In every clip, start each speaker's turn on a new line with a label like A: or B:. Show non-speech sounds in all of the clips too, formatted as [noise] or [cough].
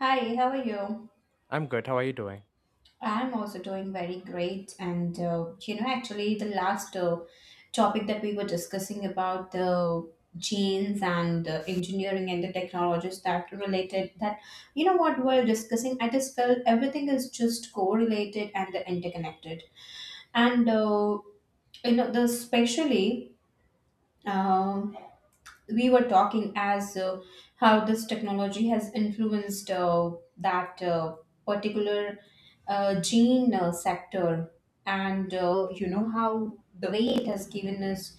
A: Hi, how are you?
B: I'm good. How are you doing?
A: I'm also doing very great. You know, the last topic that we were discussing about the genes and engineering and the technologies that related that, you know, what we're discussing, I just felt everything is just correlated and interconnected. And, uh, you know, the especially. um we were talking as how this technology has influenced that particular gene sector and you know how the way it has given us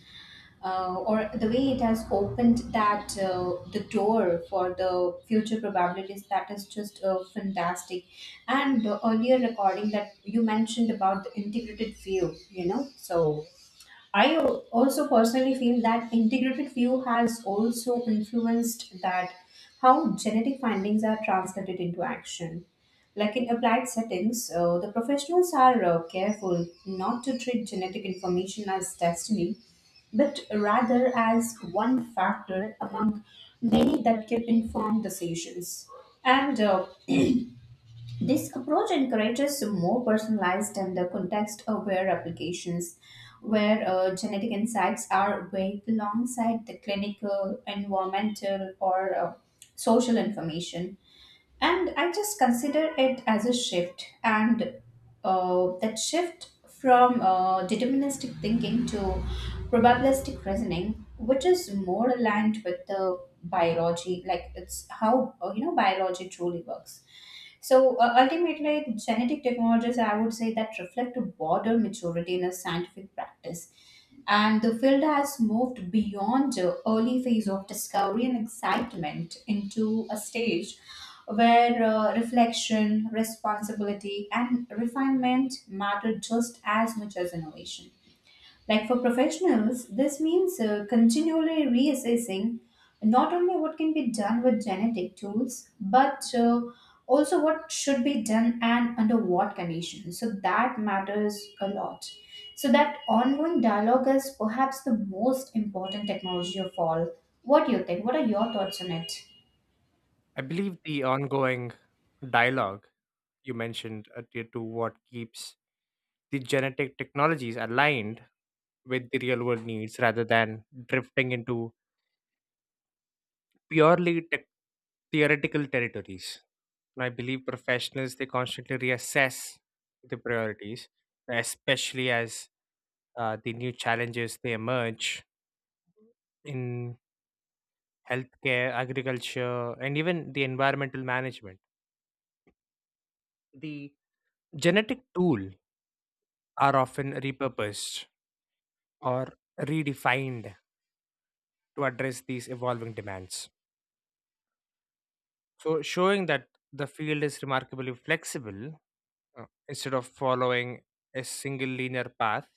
A: or the way it has opened that the door for the future probabilities that is just fantastic. And the earlier recording that you mentioned about the integrated view, you know, so I also personally feel that integrated view has also influenced that how genetic findings are translated into action. Like in applied settings, the professionals are careful not to treat genetic information as destiny, but rather as one factor among many that can inform decisions. And this approach encourages more personalized and context aware applications where genetic insights are weighed alongside the clinical, environmental, or social information. And I just consider it as a shift, and that shift from deterministic thinking to probabilistic reasoning, which is more aligned with the biology, like it's how you know biology truly works. So ultimately, genetic technologies, I would say, that reflect a broader maturity in a scientific practice. And the field has moved beyond the early phase of discovery and excitement into a stage where reflection, responsibility, and refinement matter just as much as innovation. Like for professionals, this means continually reassessing not only what can be done with genetic tools, but also what should be done and under what conditions. So that matters a lot. So that ongoing dialogue is perhaps the most important technology of all. What do you think? What are your thoughts on it?
B: I believe the ongoing dialogue you mentioned adhered to what keeps the genetic technologies aligned with the real world needs rather than drifting into purely tech theoretical territories. And I believe professionals they constantly reassess the priorities, especially as the new challenges they emerge in healthcare, agriculture, and even the environmental management. The genetic tools are often repurposed or redefined to address these evolving demands. So, showing that the field is remarkably flexible, instead of following a single linear path,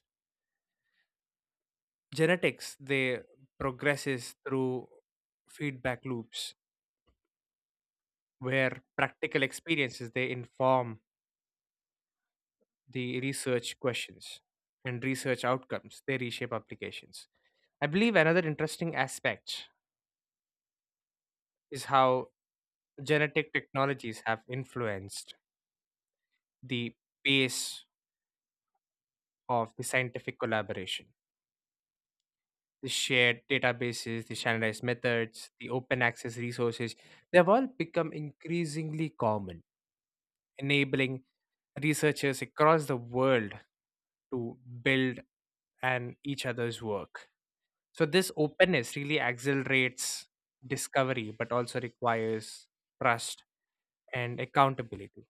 B: genetics they progresses through feedback loops where practical experiences they inform the research questions and research outcomes they reshape applications. I believe another interesting aspect is how genetic technologies have influenced the pace of the scientific collaboration. The shared databases, the standardized methods, the open access resources, they have all become increasingly common, enabling researchers across the world to build on each other's work. So, this openness really accelerates discovery, but also requires trust and accountability,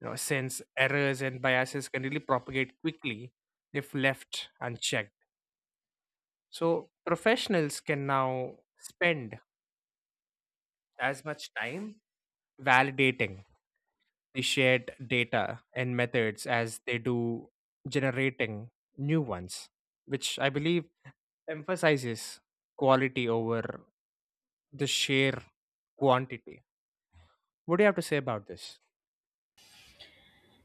B: since errors and biases can really propagate quickly if left unchecked. So, professionals can now spend as much time validating the shared data and methods as they do generating new ones, which I believe emphasizes quality over the sheer quantity. What do you have to say about this?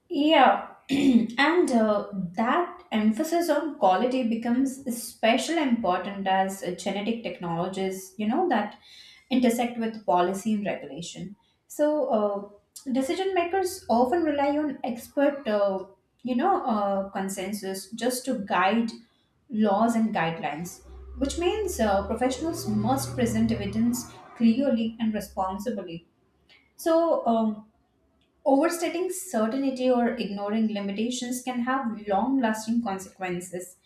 A: Yeah, [clears throat] and that emphasis on quality becomes especially important as genetic technologies, you know, that intersect with policy and regulation. So, decision makers often rely on expert consensus just to guide laws and guidelines, which means professionals must present evidence clearly and responsibly. So, overstating certainty or ignoring limitations can have long lasting consequences,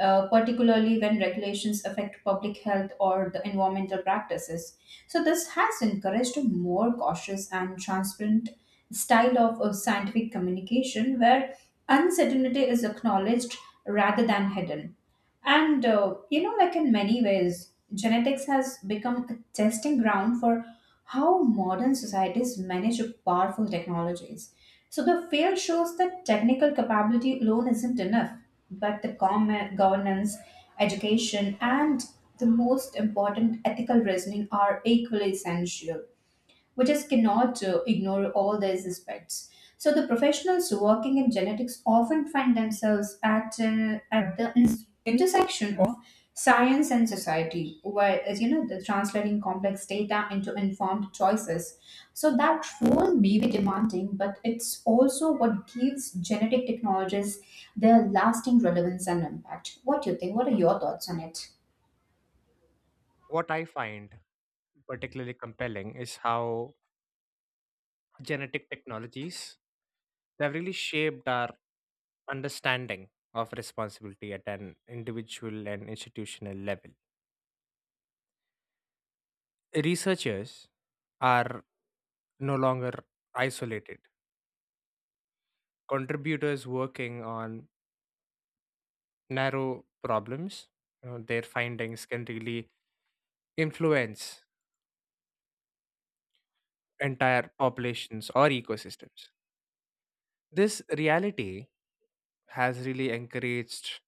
A: particularly when regulations affect public health or the environmental practices. So, this has encouraged a more cautious and transparent style of scientific communication where uncertainty is acknowledged rather than hidden. And you know, like in many ways, genetics has become a testing ground for how modern societies manage powerful technologies. So the field shows that technical capability alone isn't enough, but the governance, education, and the most important ethical reasoning are equally essential. We just cannot ignore all these aspects. So the professionals working in genetics often find themselves at the intersection of science and society, where as you know, the translating complex data into informed choices. So that role may be demanding, but it's also what gives genetic technologies their lasting relevance and impact. What do you think? What are your thoughts on it?
B: What I find particularly compelling is how genetic technologies, they've really shaped our understanding of responsibility at an individual and institutional level. Researchers are no longer isolated contributors working on narrow problems. Their findings can really influence entire populations or ecosystems. This reality has really encouraged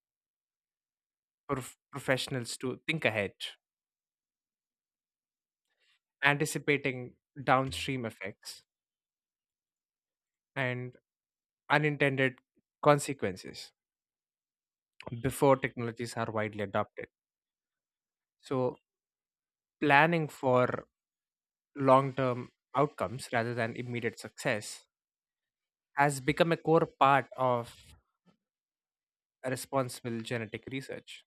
B: professionals to think ahead, anticipating downstream effects and unintended consequences before technologies are widely adopted. So, planning for long term outcomes rather than immediate success has become a core part of responsible genetic research.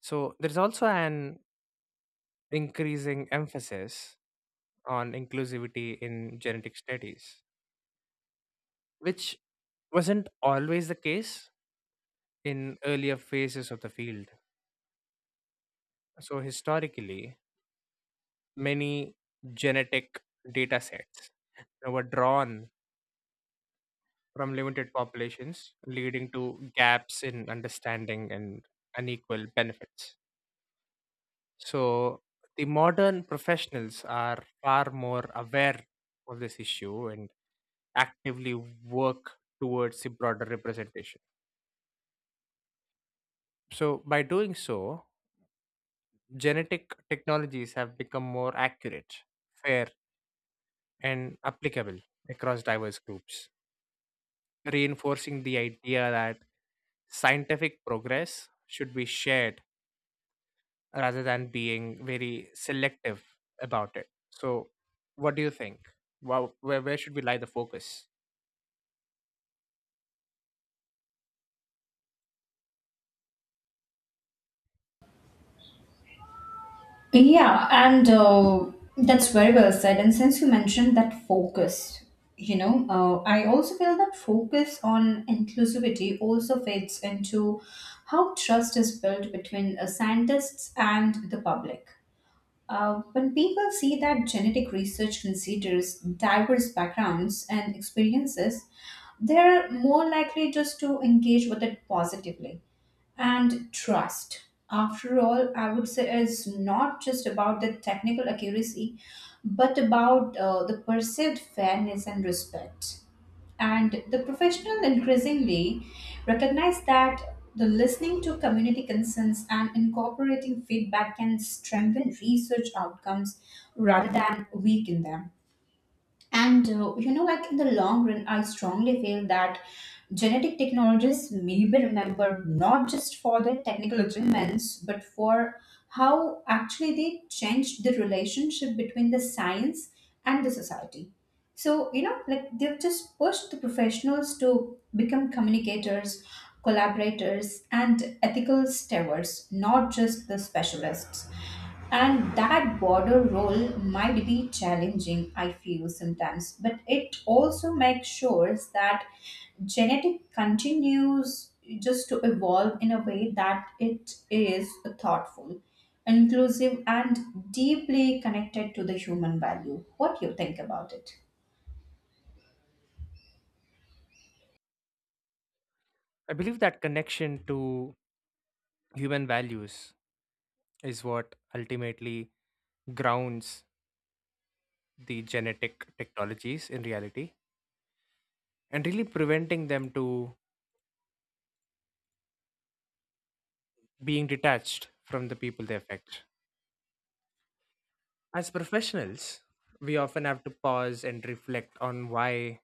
B: So, there's also an increasing emphasis on inclusivity in genetic studies, which wasn't always the case in earlier phases of the field. So, historically, many genetic data sets that were drawn from limited populations, leading to gaps in understanding and unequal benefits. So, the modern professionals are far more aware of this issue and actively work towards the broader representation. So, by doing so, genetic technologies have become more accurate, fair, and applicable across diverse groups, reinforcing the idea that scientific progress should be shared rather than being very selective about it. So, what do you think? Wow, where should we lie the focus?
A: Yeah, and that's very well said. And since you mentioned that focus, you know, I also feel that focus on inclusivity also fits into how trust is built between scientists and the public. When people see that genetic research considers diverse backgrounds and experiences, they're more likely just to engage with it positively, and trust, after all, I would say, is not just about the technical accuracy but about the perceived fairness and respect. And the professional increasingly recognize that the listening to community concerns and incorporating feedback can strengthen research outcomes rather than weaken them. And you know, like in the long run, I strongly feel that genetic technologies may be remembered not just for their technical achievements, but for how actually they changed the relationship between the science and the society. So, you know, like they've just pushed the professionals to become communicators, collaborators, and ethical stewards, not just the specialists. And that border role might be challenging, I feel sometimes, but it also makes sure that genetic continues just to evolve in a way that it is thoughtful, inclusive, and deeply connected to the human value. What do you think about it?
B: I believe that connection to human values is what ultimately grounds the genetic technologies in reality and really preventing them to being detached from the people they affect. As professionals, we often have to pause and reflect on why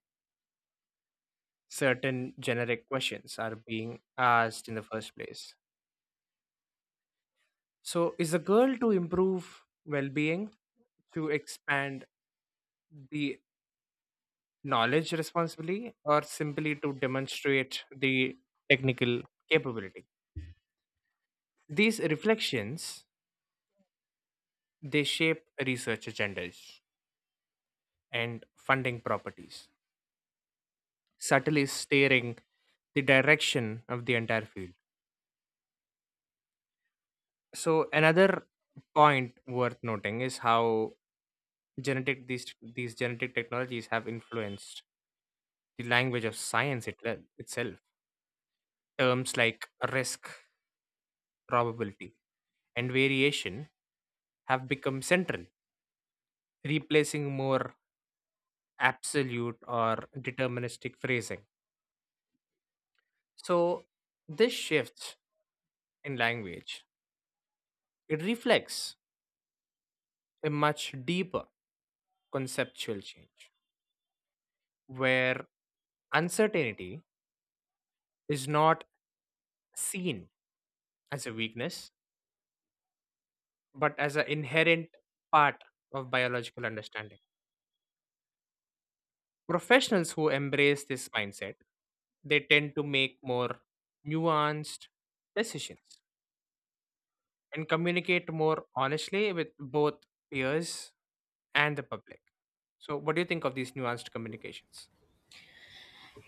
B: certain generic questions are being asked in the first place. So, is a goal to improve well being, to expand the knowledge responsibly, or simply to demonstrate the technical capability? These reflections they shape research agendas and funding properties, subtly steering the direction of the entire field. So, another point worth noting is how Genetic these genetic technologies have influenced the language of science itself. Terms like risk, probability, and variation have become central, replacing more absolute or deterministic phrasing. So this shift in language it reflects a much deeper conceptual change where uncertainty is not seen as a weakness but as an inherent part of biological understanding. Professionals who embrace this mindset, they tend to make more nuanced decisions and communicate more honestly with both peers and the public. So, what do you think of these nuanced communications?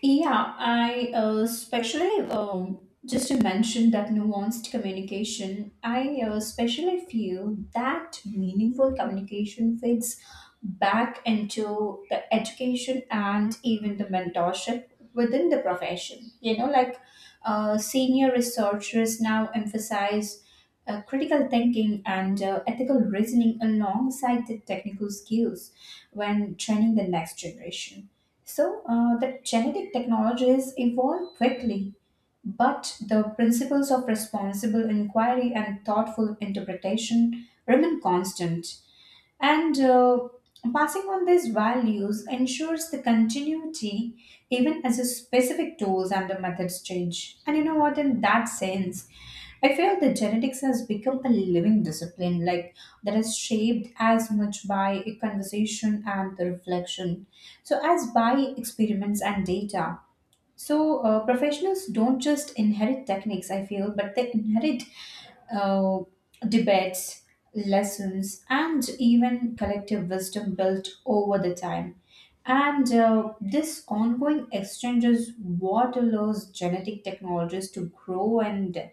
A: Yeah, I especially, just to mention that nuanced communication, I especially feel that meaningful communication fits back into the education and even the mentorship within the profession. You know, like senior researchers now emphasize critical thinking and ethical reasoning alongside the technical skills when training the next generation. So, the genetic technologies evolve quickly, but the principles of responsible inquiry and thoughtful interpretation remain constant. And passing on these values ensures the continuity even as the specific tools and the methods change. And you know what, in that sense, I feel the genetics has become a living discipline, like that is shaped as much by a conversation and the reflection, so as by experiments and data. So professionals don't just inherit techniques, I feel, but they inherit uh, debates, lessons, and even collective wisdom built over the time. And this ongoing exchange is what allows genetic technologies to grow and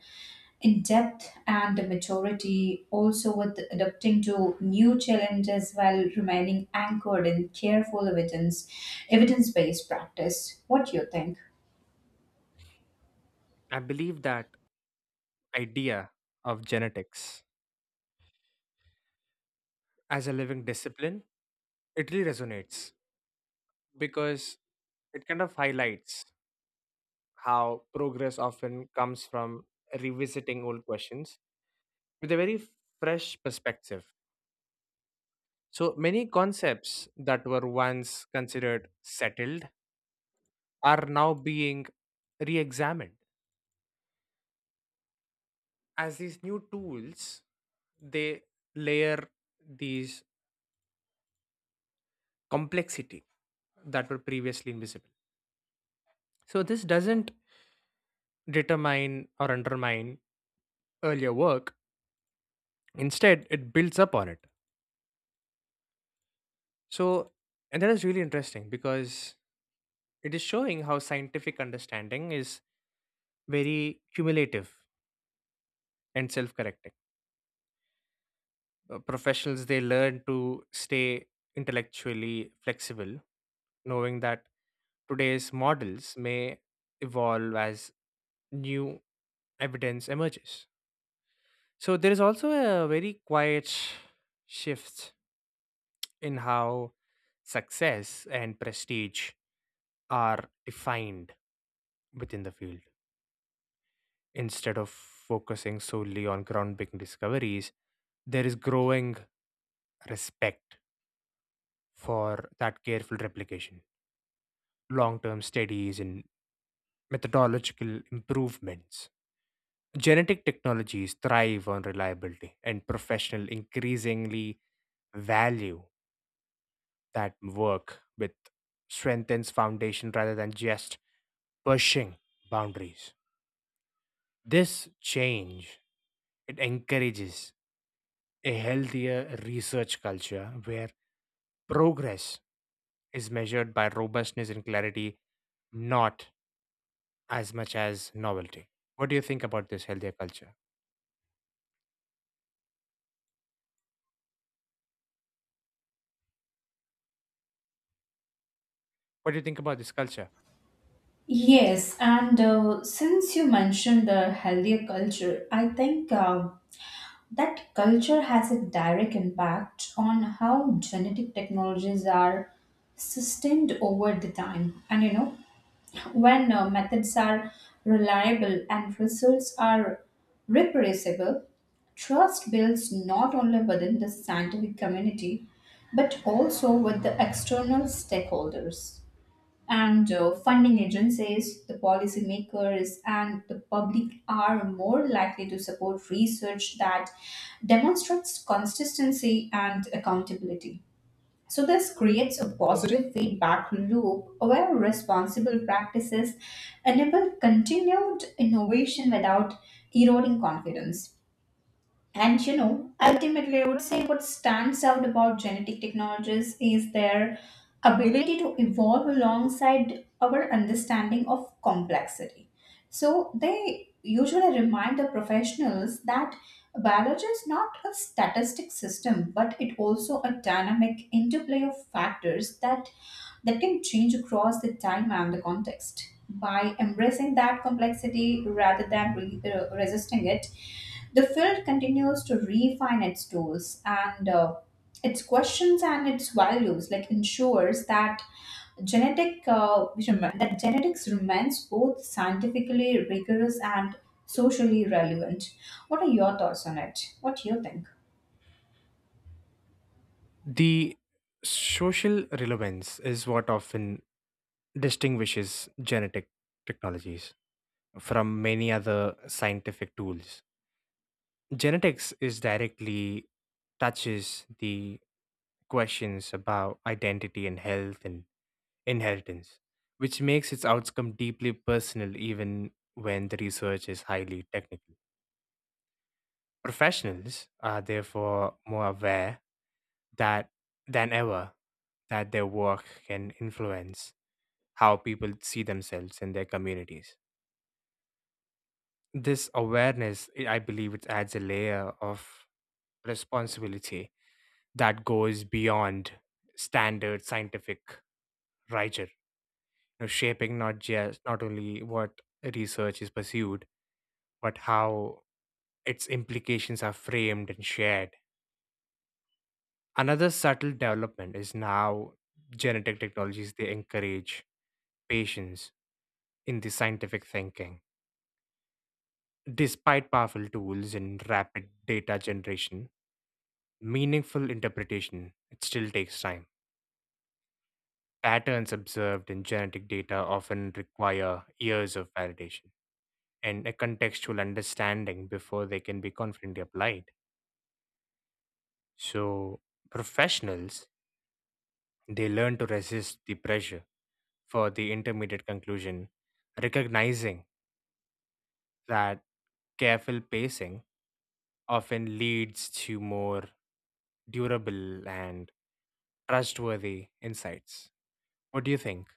A: in depth and maturity, also with adapting to new challenges while remaining anchored in careful evidence-based practice. What do you think?
B: I believe that idea of genetics as a living discipline it really resonates because it kind of highlights how progress often comes from revisiting old questions with a very fresh perspective. So many concepts that were once considered settled are now being re-examined as these new tools they layer these complexity that were previously invisible. So this doesn't determine or undermine earlier work. Instead, it builds up on it. So, and that is really interesting because it is showing how scientific understanding is very cumulative and self correcting. Professionals they learn to stay intellectually flexible, knowing that today's models may evolve as new evidence emerges. So, there is also a very quiet shift in how success and prestige are defined within the field. Instead of focusing solely on groundbreaking discoveries, there is growing respect for that careful replication, long term studies, and methodological improvements. Genetic technologies thrive on reliability, and professionals increasingly value that work with strengthens foundation rather than just pushing boundaries. This change it encourages a healthier research culture where progress is measured by robustness and clarity, not as much as novelty. What do you think about this healthier culture? What do you think about this culture?
A: Yes, and since you mentioned the healthier culture, I think that culture has a direct impact on how genetic technologies are sustained over the time. And you know, when methods are reliable and results are reproducible, trust builds not only within the scientific community but also with the external stakeholders, and funding agencies, the policymakers, and the public are more likely to support research that demonstrates consistency and accountability. So, this creates a positive feedback loop where responsible practices enable continued innovation without eroding confidence. And you know, ultimately, I would say what stands out about genetic technologies is their ability to evolve alongside our understanding of complexity. So, they usually remind the professionals that biology is not a statistic system, but it also a dynamic interplay of factors that can change across the time and the context. By embracing that complexity rather than resisting it, the field continues to refine its tools and its questions and its values, like ensures that genetics remains both scientifically rigorous and socially relevant. What are your thoughts on it? What do you think?
B: The social relevance is what often distinguishes genetic technologies from many other scientific tools. Genetics is directly touches the questions about identity and health and inheritance, which makes its outcome deeply personal even when the research is highly technical. Professionals are therefore more aware that than ever that their work can influence how people see themselves in their communities. This awareness, I believe, it adds a layer of responsibility that goes beyond standard scientific rigor, you know, shaping not just not only what research is pursued but how its implications are framed and shared. Another subtle development is now genetic technologies they encourage patience in the scientific thinking. Despite powerful tools and rapid data generation, meaningful interpretation it still takes time. Patterns observed in genetic data often require years of validation and a contextual understanding before they can be confidently applied. So professionals they learn to resist the pressure for the intermediate conclusion, recognizing that careful pacing often leads to more durable and trustworthy insights. What do you think?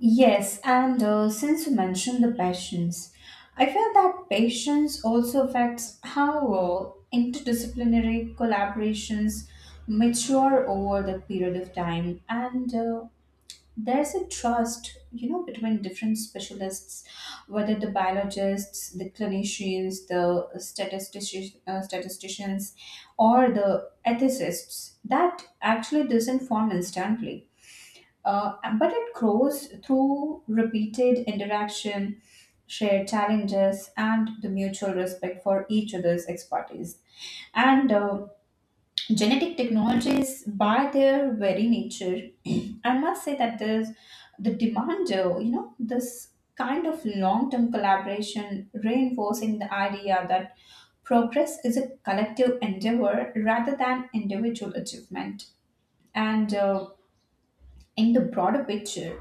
A: Yes, and since you mentioned the patience, I feel that patience also affects how interdisciplinary collaborations mature over the period of time. And there's a trust, you know, between different specialists, whether the biologists, the clinicians, the statisticians or the ethicists, that actually doesn't form instantly but it grows through repeated interaction, shared challenges, and the mutual respect for each other's expertise. And genetic technologies, by their very nature, [clears throat] I must say that there's the demand, you know, this kind of long term collaboration reinforcing the idea that progress is a collective endeavor rather than individual achievement. And in the broader picture,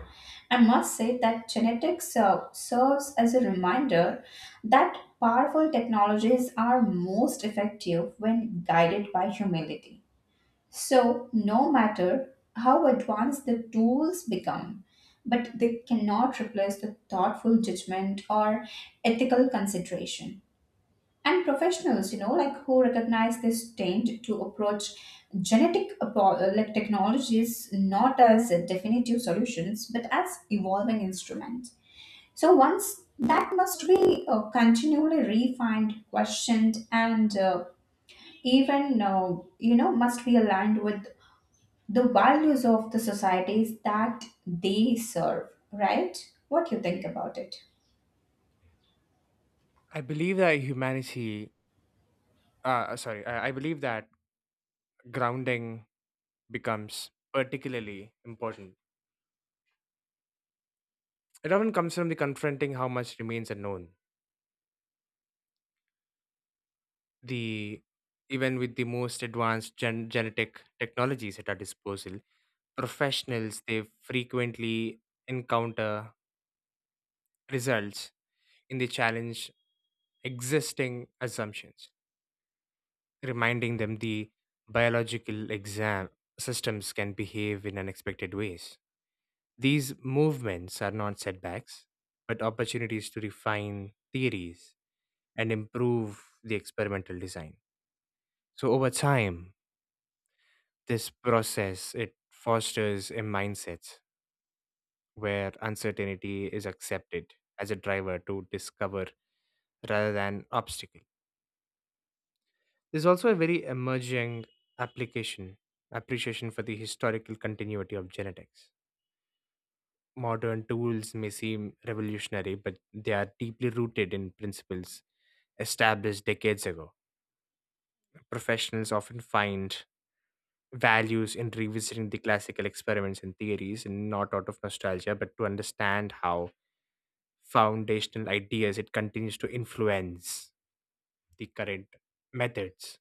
A: I must say that genetics serves as a reminder that powerful technologies are most effective when guided by humility. So, no matter how advanced the tools become, but they cannot replace the thoughtful judgment or ethical consideration. And professionals, you know, like who recognize this trend to approach like technologies not as definitive solutions but as evolving instruments. So once that must be continually refined, questioned, and even you know must be aligned with the values of the societies that they serve. Right? What do you think about it?
B: I believe that humanity, I believe that grounding becomes particularly important. It often comes from the confronting how much remains unknown. The even with the most advanced genetic technologies at our disposal, professionals they frequently encounter results in the challenge existing assumptions, reminding them the biological exam systems can behave in unexpected ways. These movements are not setbacks but opportunities to refine theories and improve the experimental design. So over time this process it fosters a mindset where uncertainty is accepted as a driver to discover rather than obstacle. There's also a very emerging application appreciation for the historical continuity of genetics. Modern tools may seem revolutionary, but they are deeply rooted in principles established decades ago. Professionals often find values in revisiting the classical experiments and theories, and not out of nostalgia, but to understand how foundational ideas it continues to influence the current methods.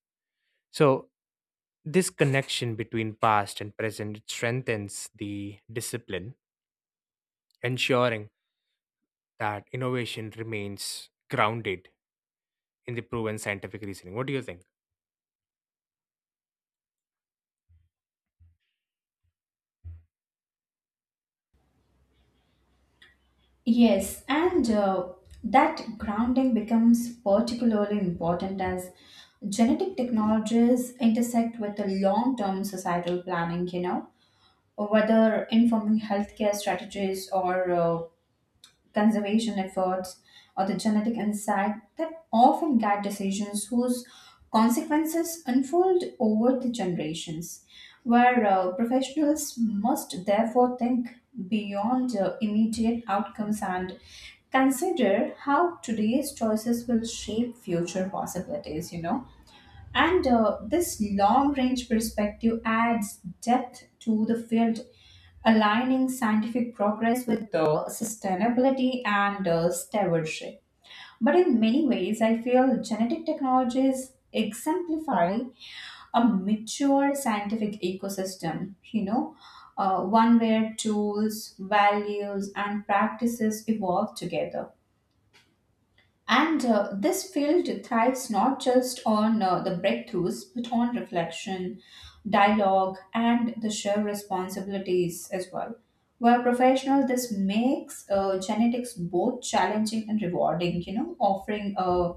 B: So this connection between past and present strengthens the discipline, ensuring that innovation remains grounded in the proven scientific reasoning. What do you think?
A: Yes, and that grounding becomes particularly important as genetic technologies intersect with the long term societal planning, you know, whether informing healthcare strategies or conservation efforts, or the genetic insight that often guide decisions whose consequences unfold over the generations, where professionals must therefore think beyond immediate outcomes and consider how today's choices will shape future possibilities, you know. And this long range perspective adds depth to the field, aligning scientific progress with sustainability and stewardship. But in many ways, I feel genetic technologies exemplify a mature scientific ecosystem, you know, one where tools, values, and practices evolve together. And this field thrives not just on the breakthroughs, but on reflection, dialogue, and the shared responsibilities as well. While professional, this makes genetics both challenging and rewarding, you know, offering a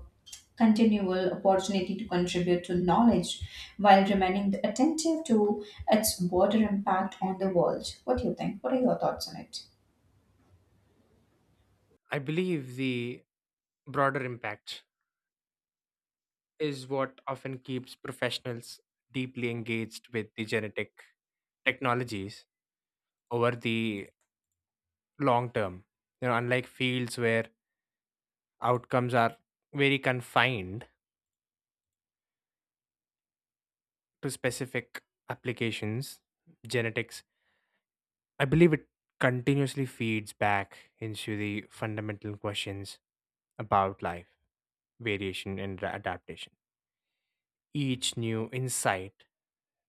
A: continual opportunity to contribute to knowledge while remaining attentive to its broader impact on the world. What do you think? What are your thoughts on it?
B: I believe the broader impact is what often keeps professionals deeply engaged with the genetic technologies over the long term. You know, unlike fields where outcomes are very confined to specific applications, genetics I believe it continuously feeds back into the fundamental questions about life, variation, and adaptation. Each new insight,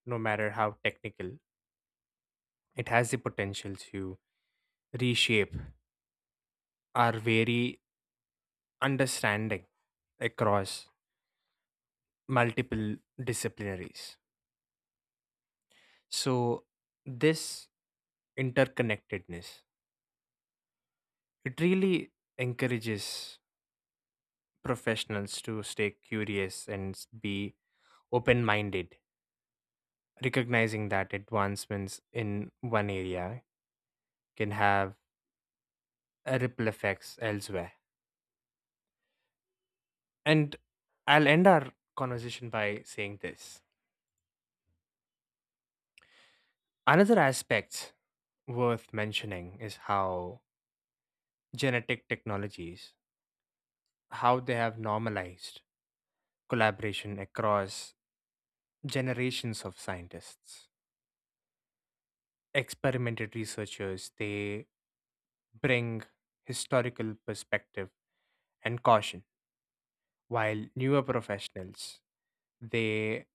B: no matter how technical, it has the potential to reshape our very understanding across multiple disciplinaries. So, this interconnectedness, it really encourages professionals to stay curious and be open minded, recognizing that advancements in one area can have a ripple effects elsewhere. And I'll end our conversation by saying this. Another aspect worth mentioning is how genetic technologies, how they have normalized collaboration across generations of scientists. Experimental researchers, they bring historical perspective and caution, while newer professionals, they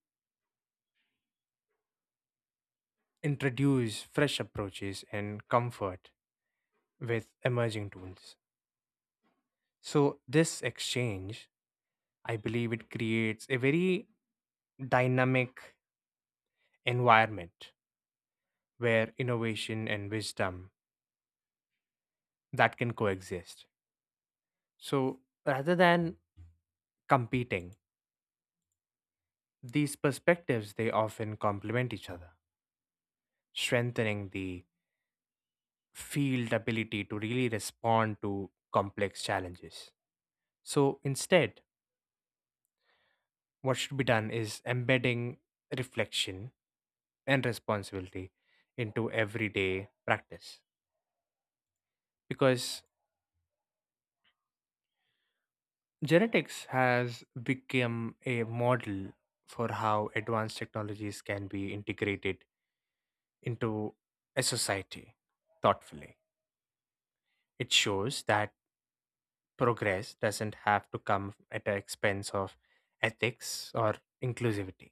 B: introduce fresh approaches and comfort with emerging tools. So, this exchange, I believe it creates a very dynamic environment where innovation and wisdom that can coexist. So, rather than competing, these perspectives they often complement each other, strengthening the field ability to really respond to complex challenges. So, instead, what should be done is embedding reflection and responsibility into everyday practice, because genetics has become a model for how advanced technologies can be integrated into a society thoughtfully. It shows that progress doesn't have to come at the expense of ethics or inclusivity.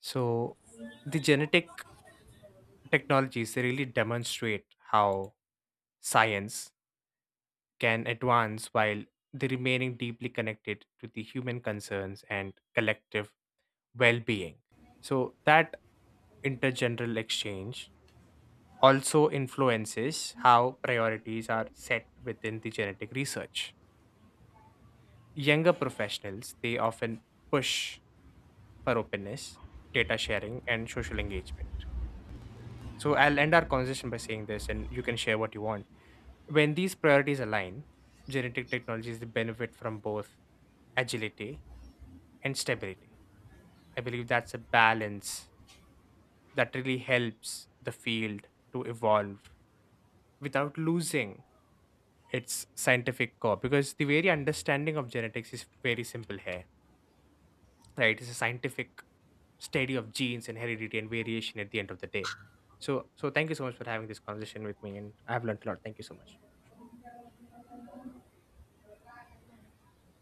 B: So the genetic technologies they really demonstrate how science can advance while they remaining deeply connected to the human concerns and collective well-being. So that intergenerational exchange also influences how priorities are set within the genetic research. Younger professionals they often push for openness, data sharing and social engagement. So I'll end our conversation by saying this, and you can share what you want. When these priorities align, genetic technologies they benefit from both agility and stability. I believe that's a balance that really helps the field to evolve without losing its scientific core, because the very understanding of genetics is very simple here, right? It's a scientific study of genes and heredity and variation at the end of the day. So, so thank you so much for having this conversation with me, and I've learned a lot. Thank you so much.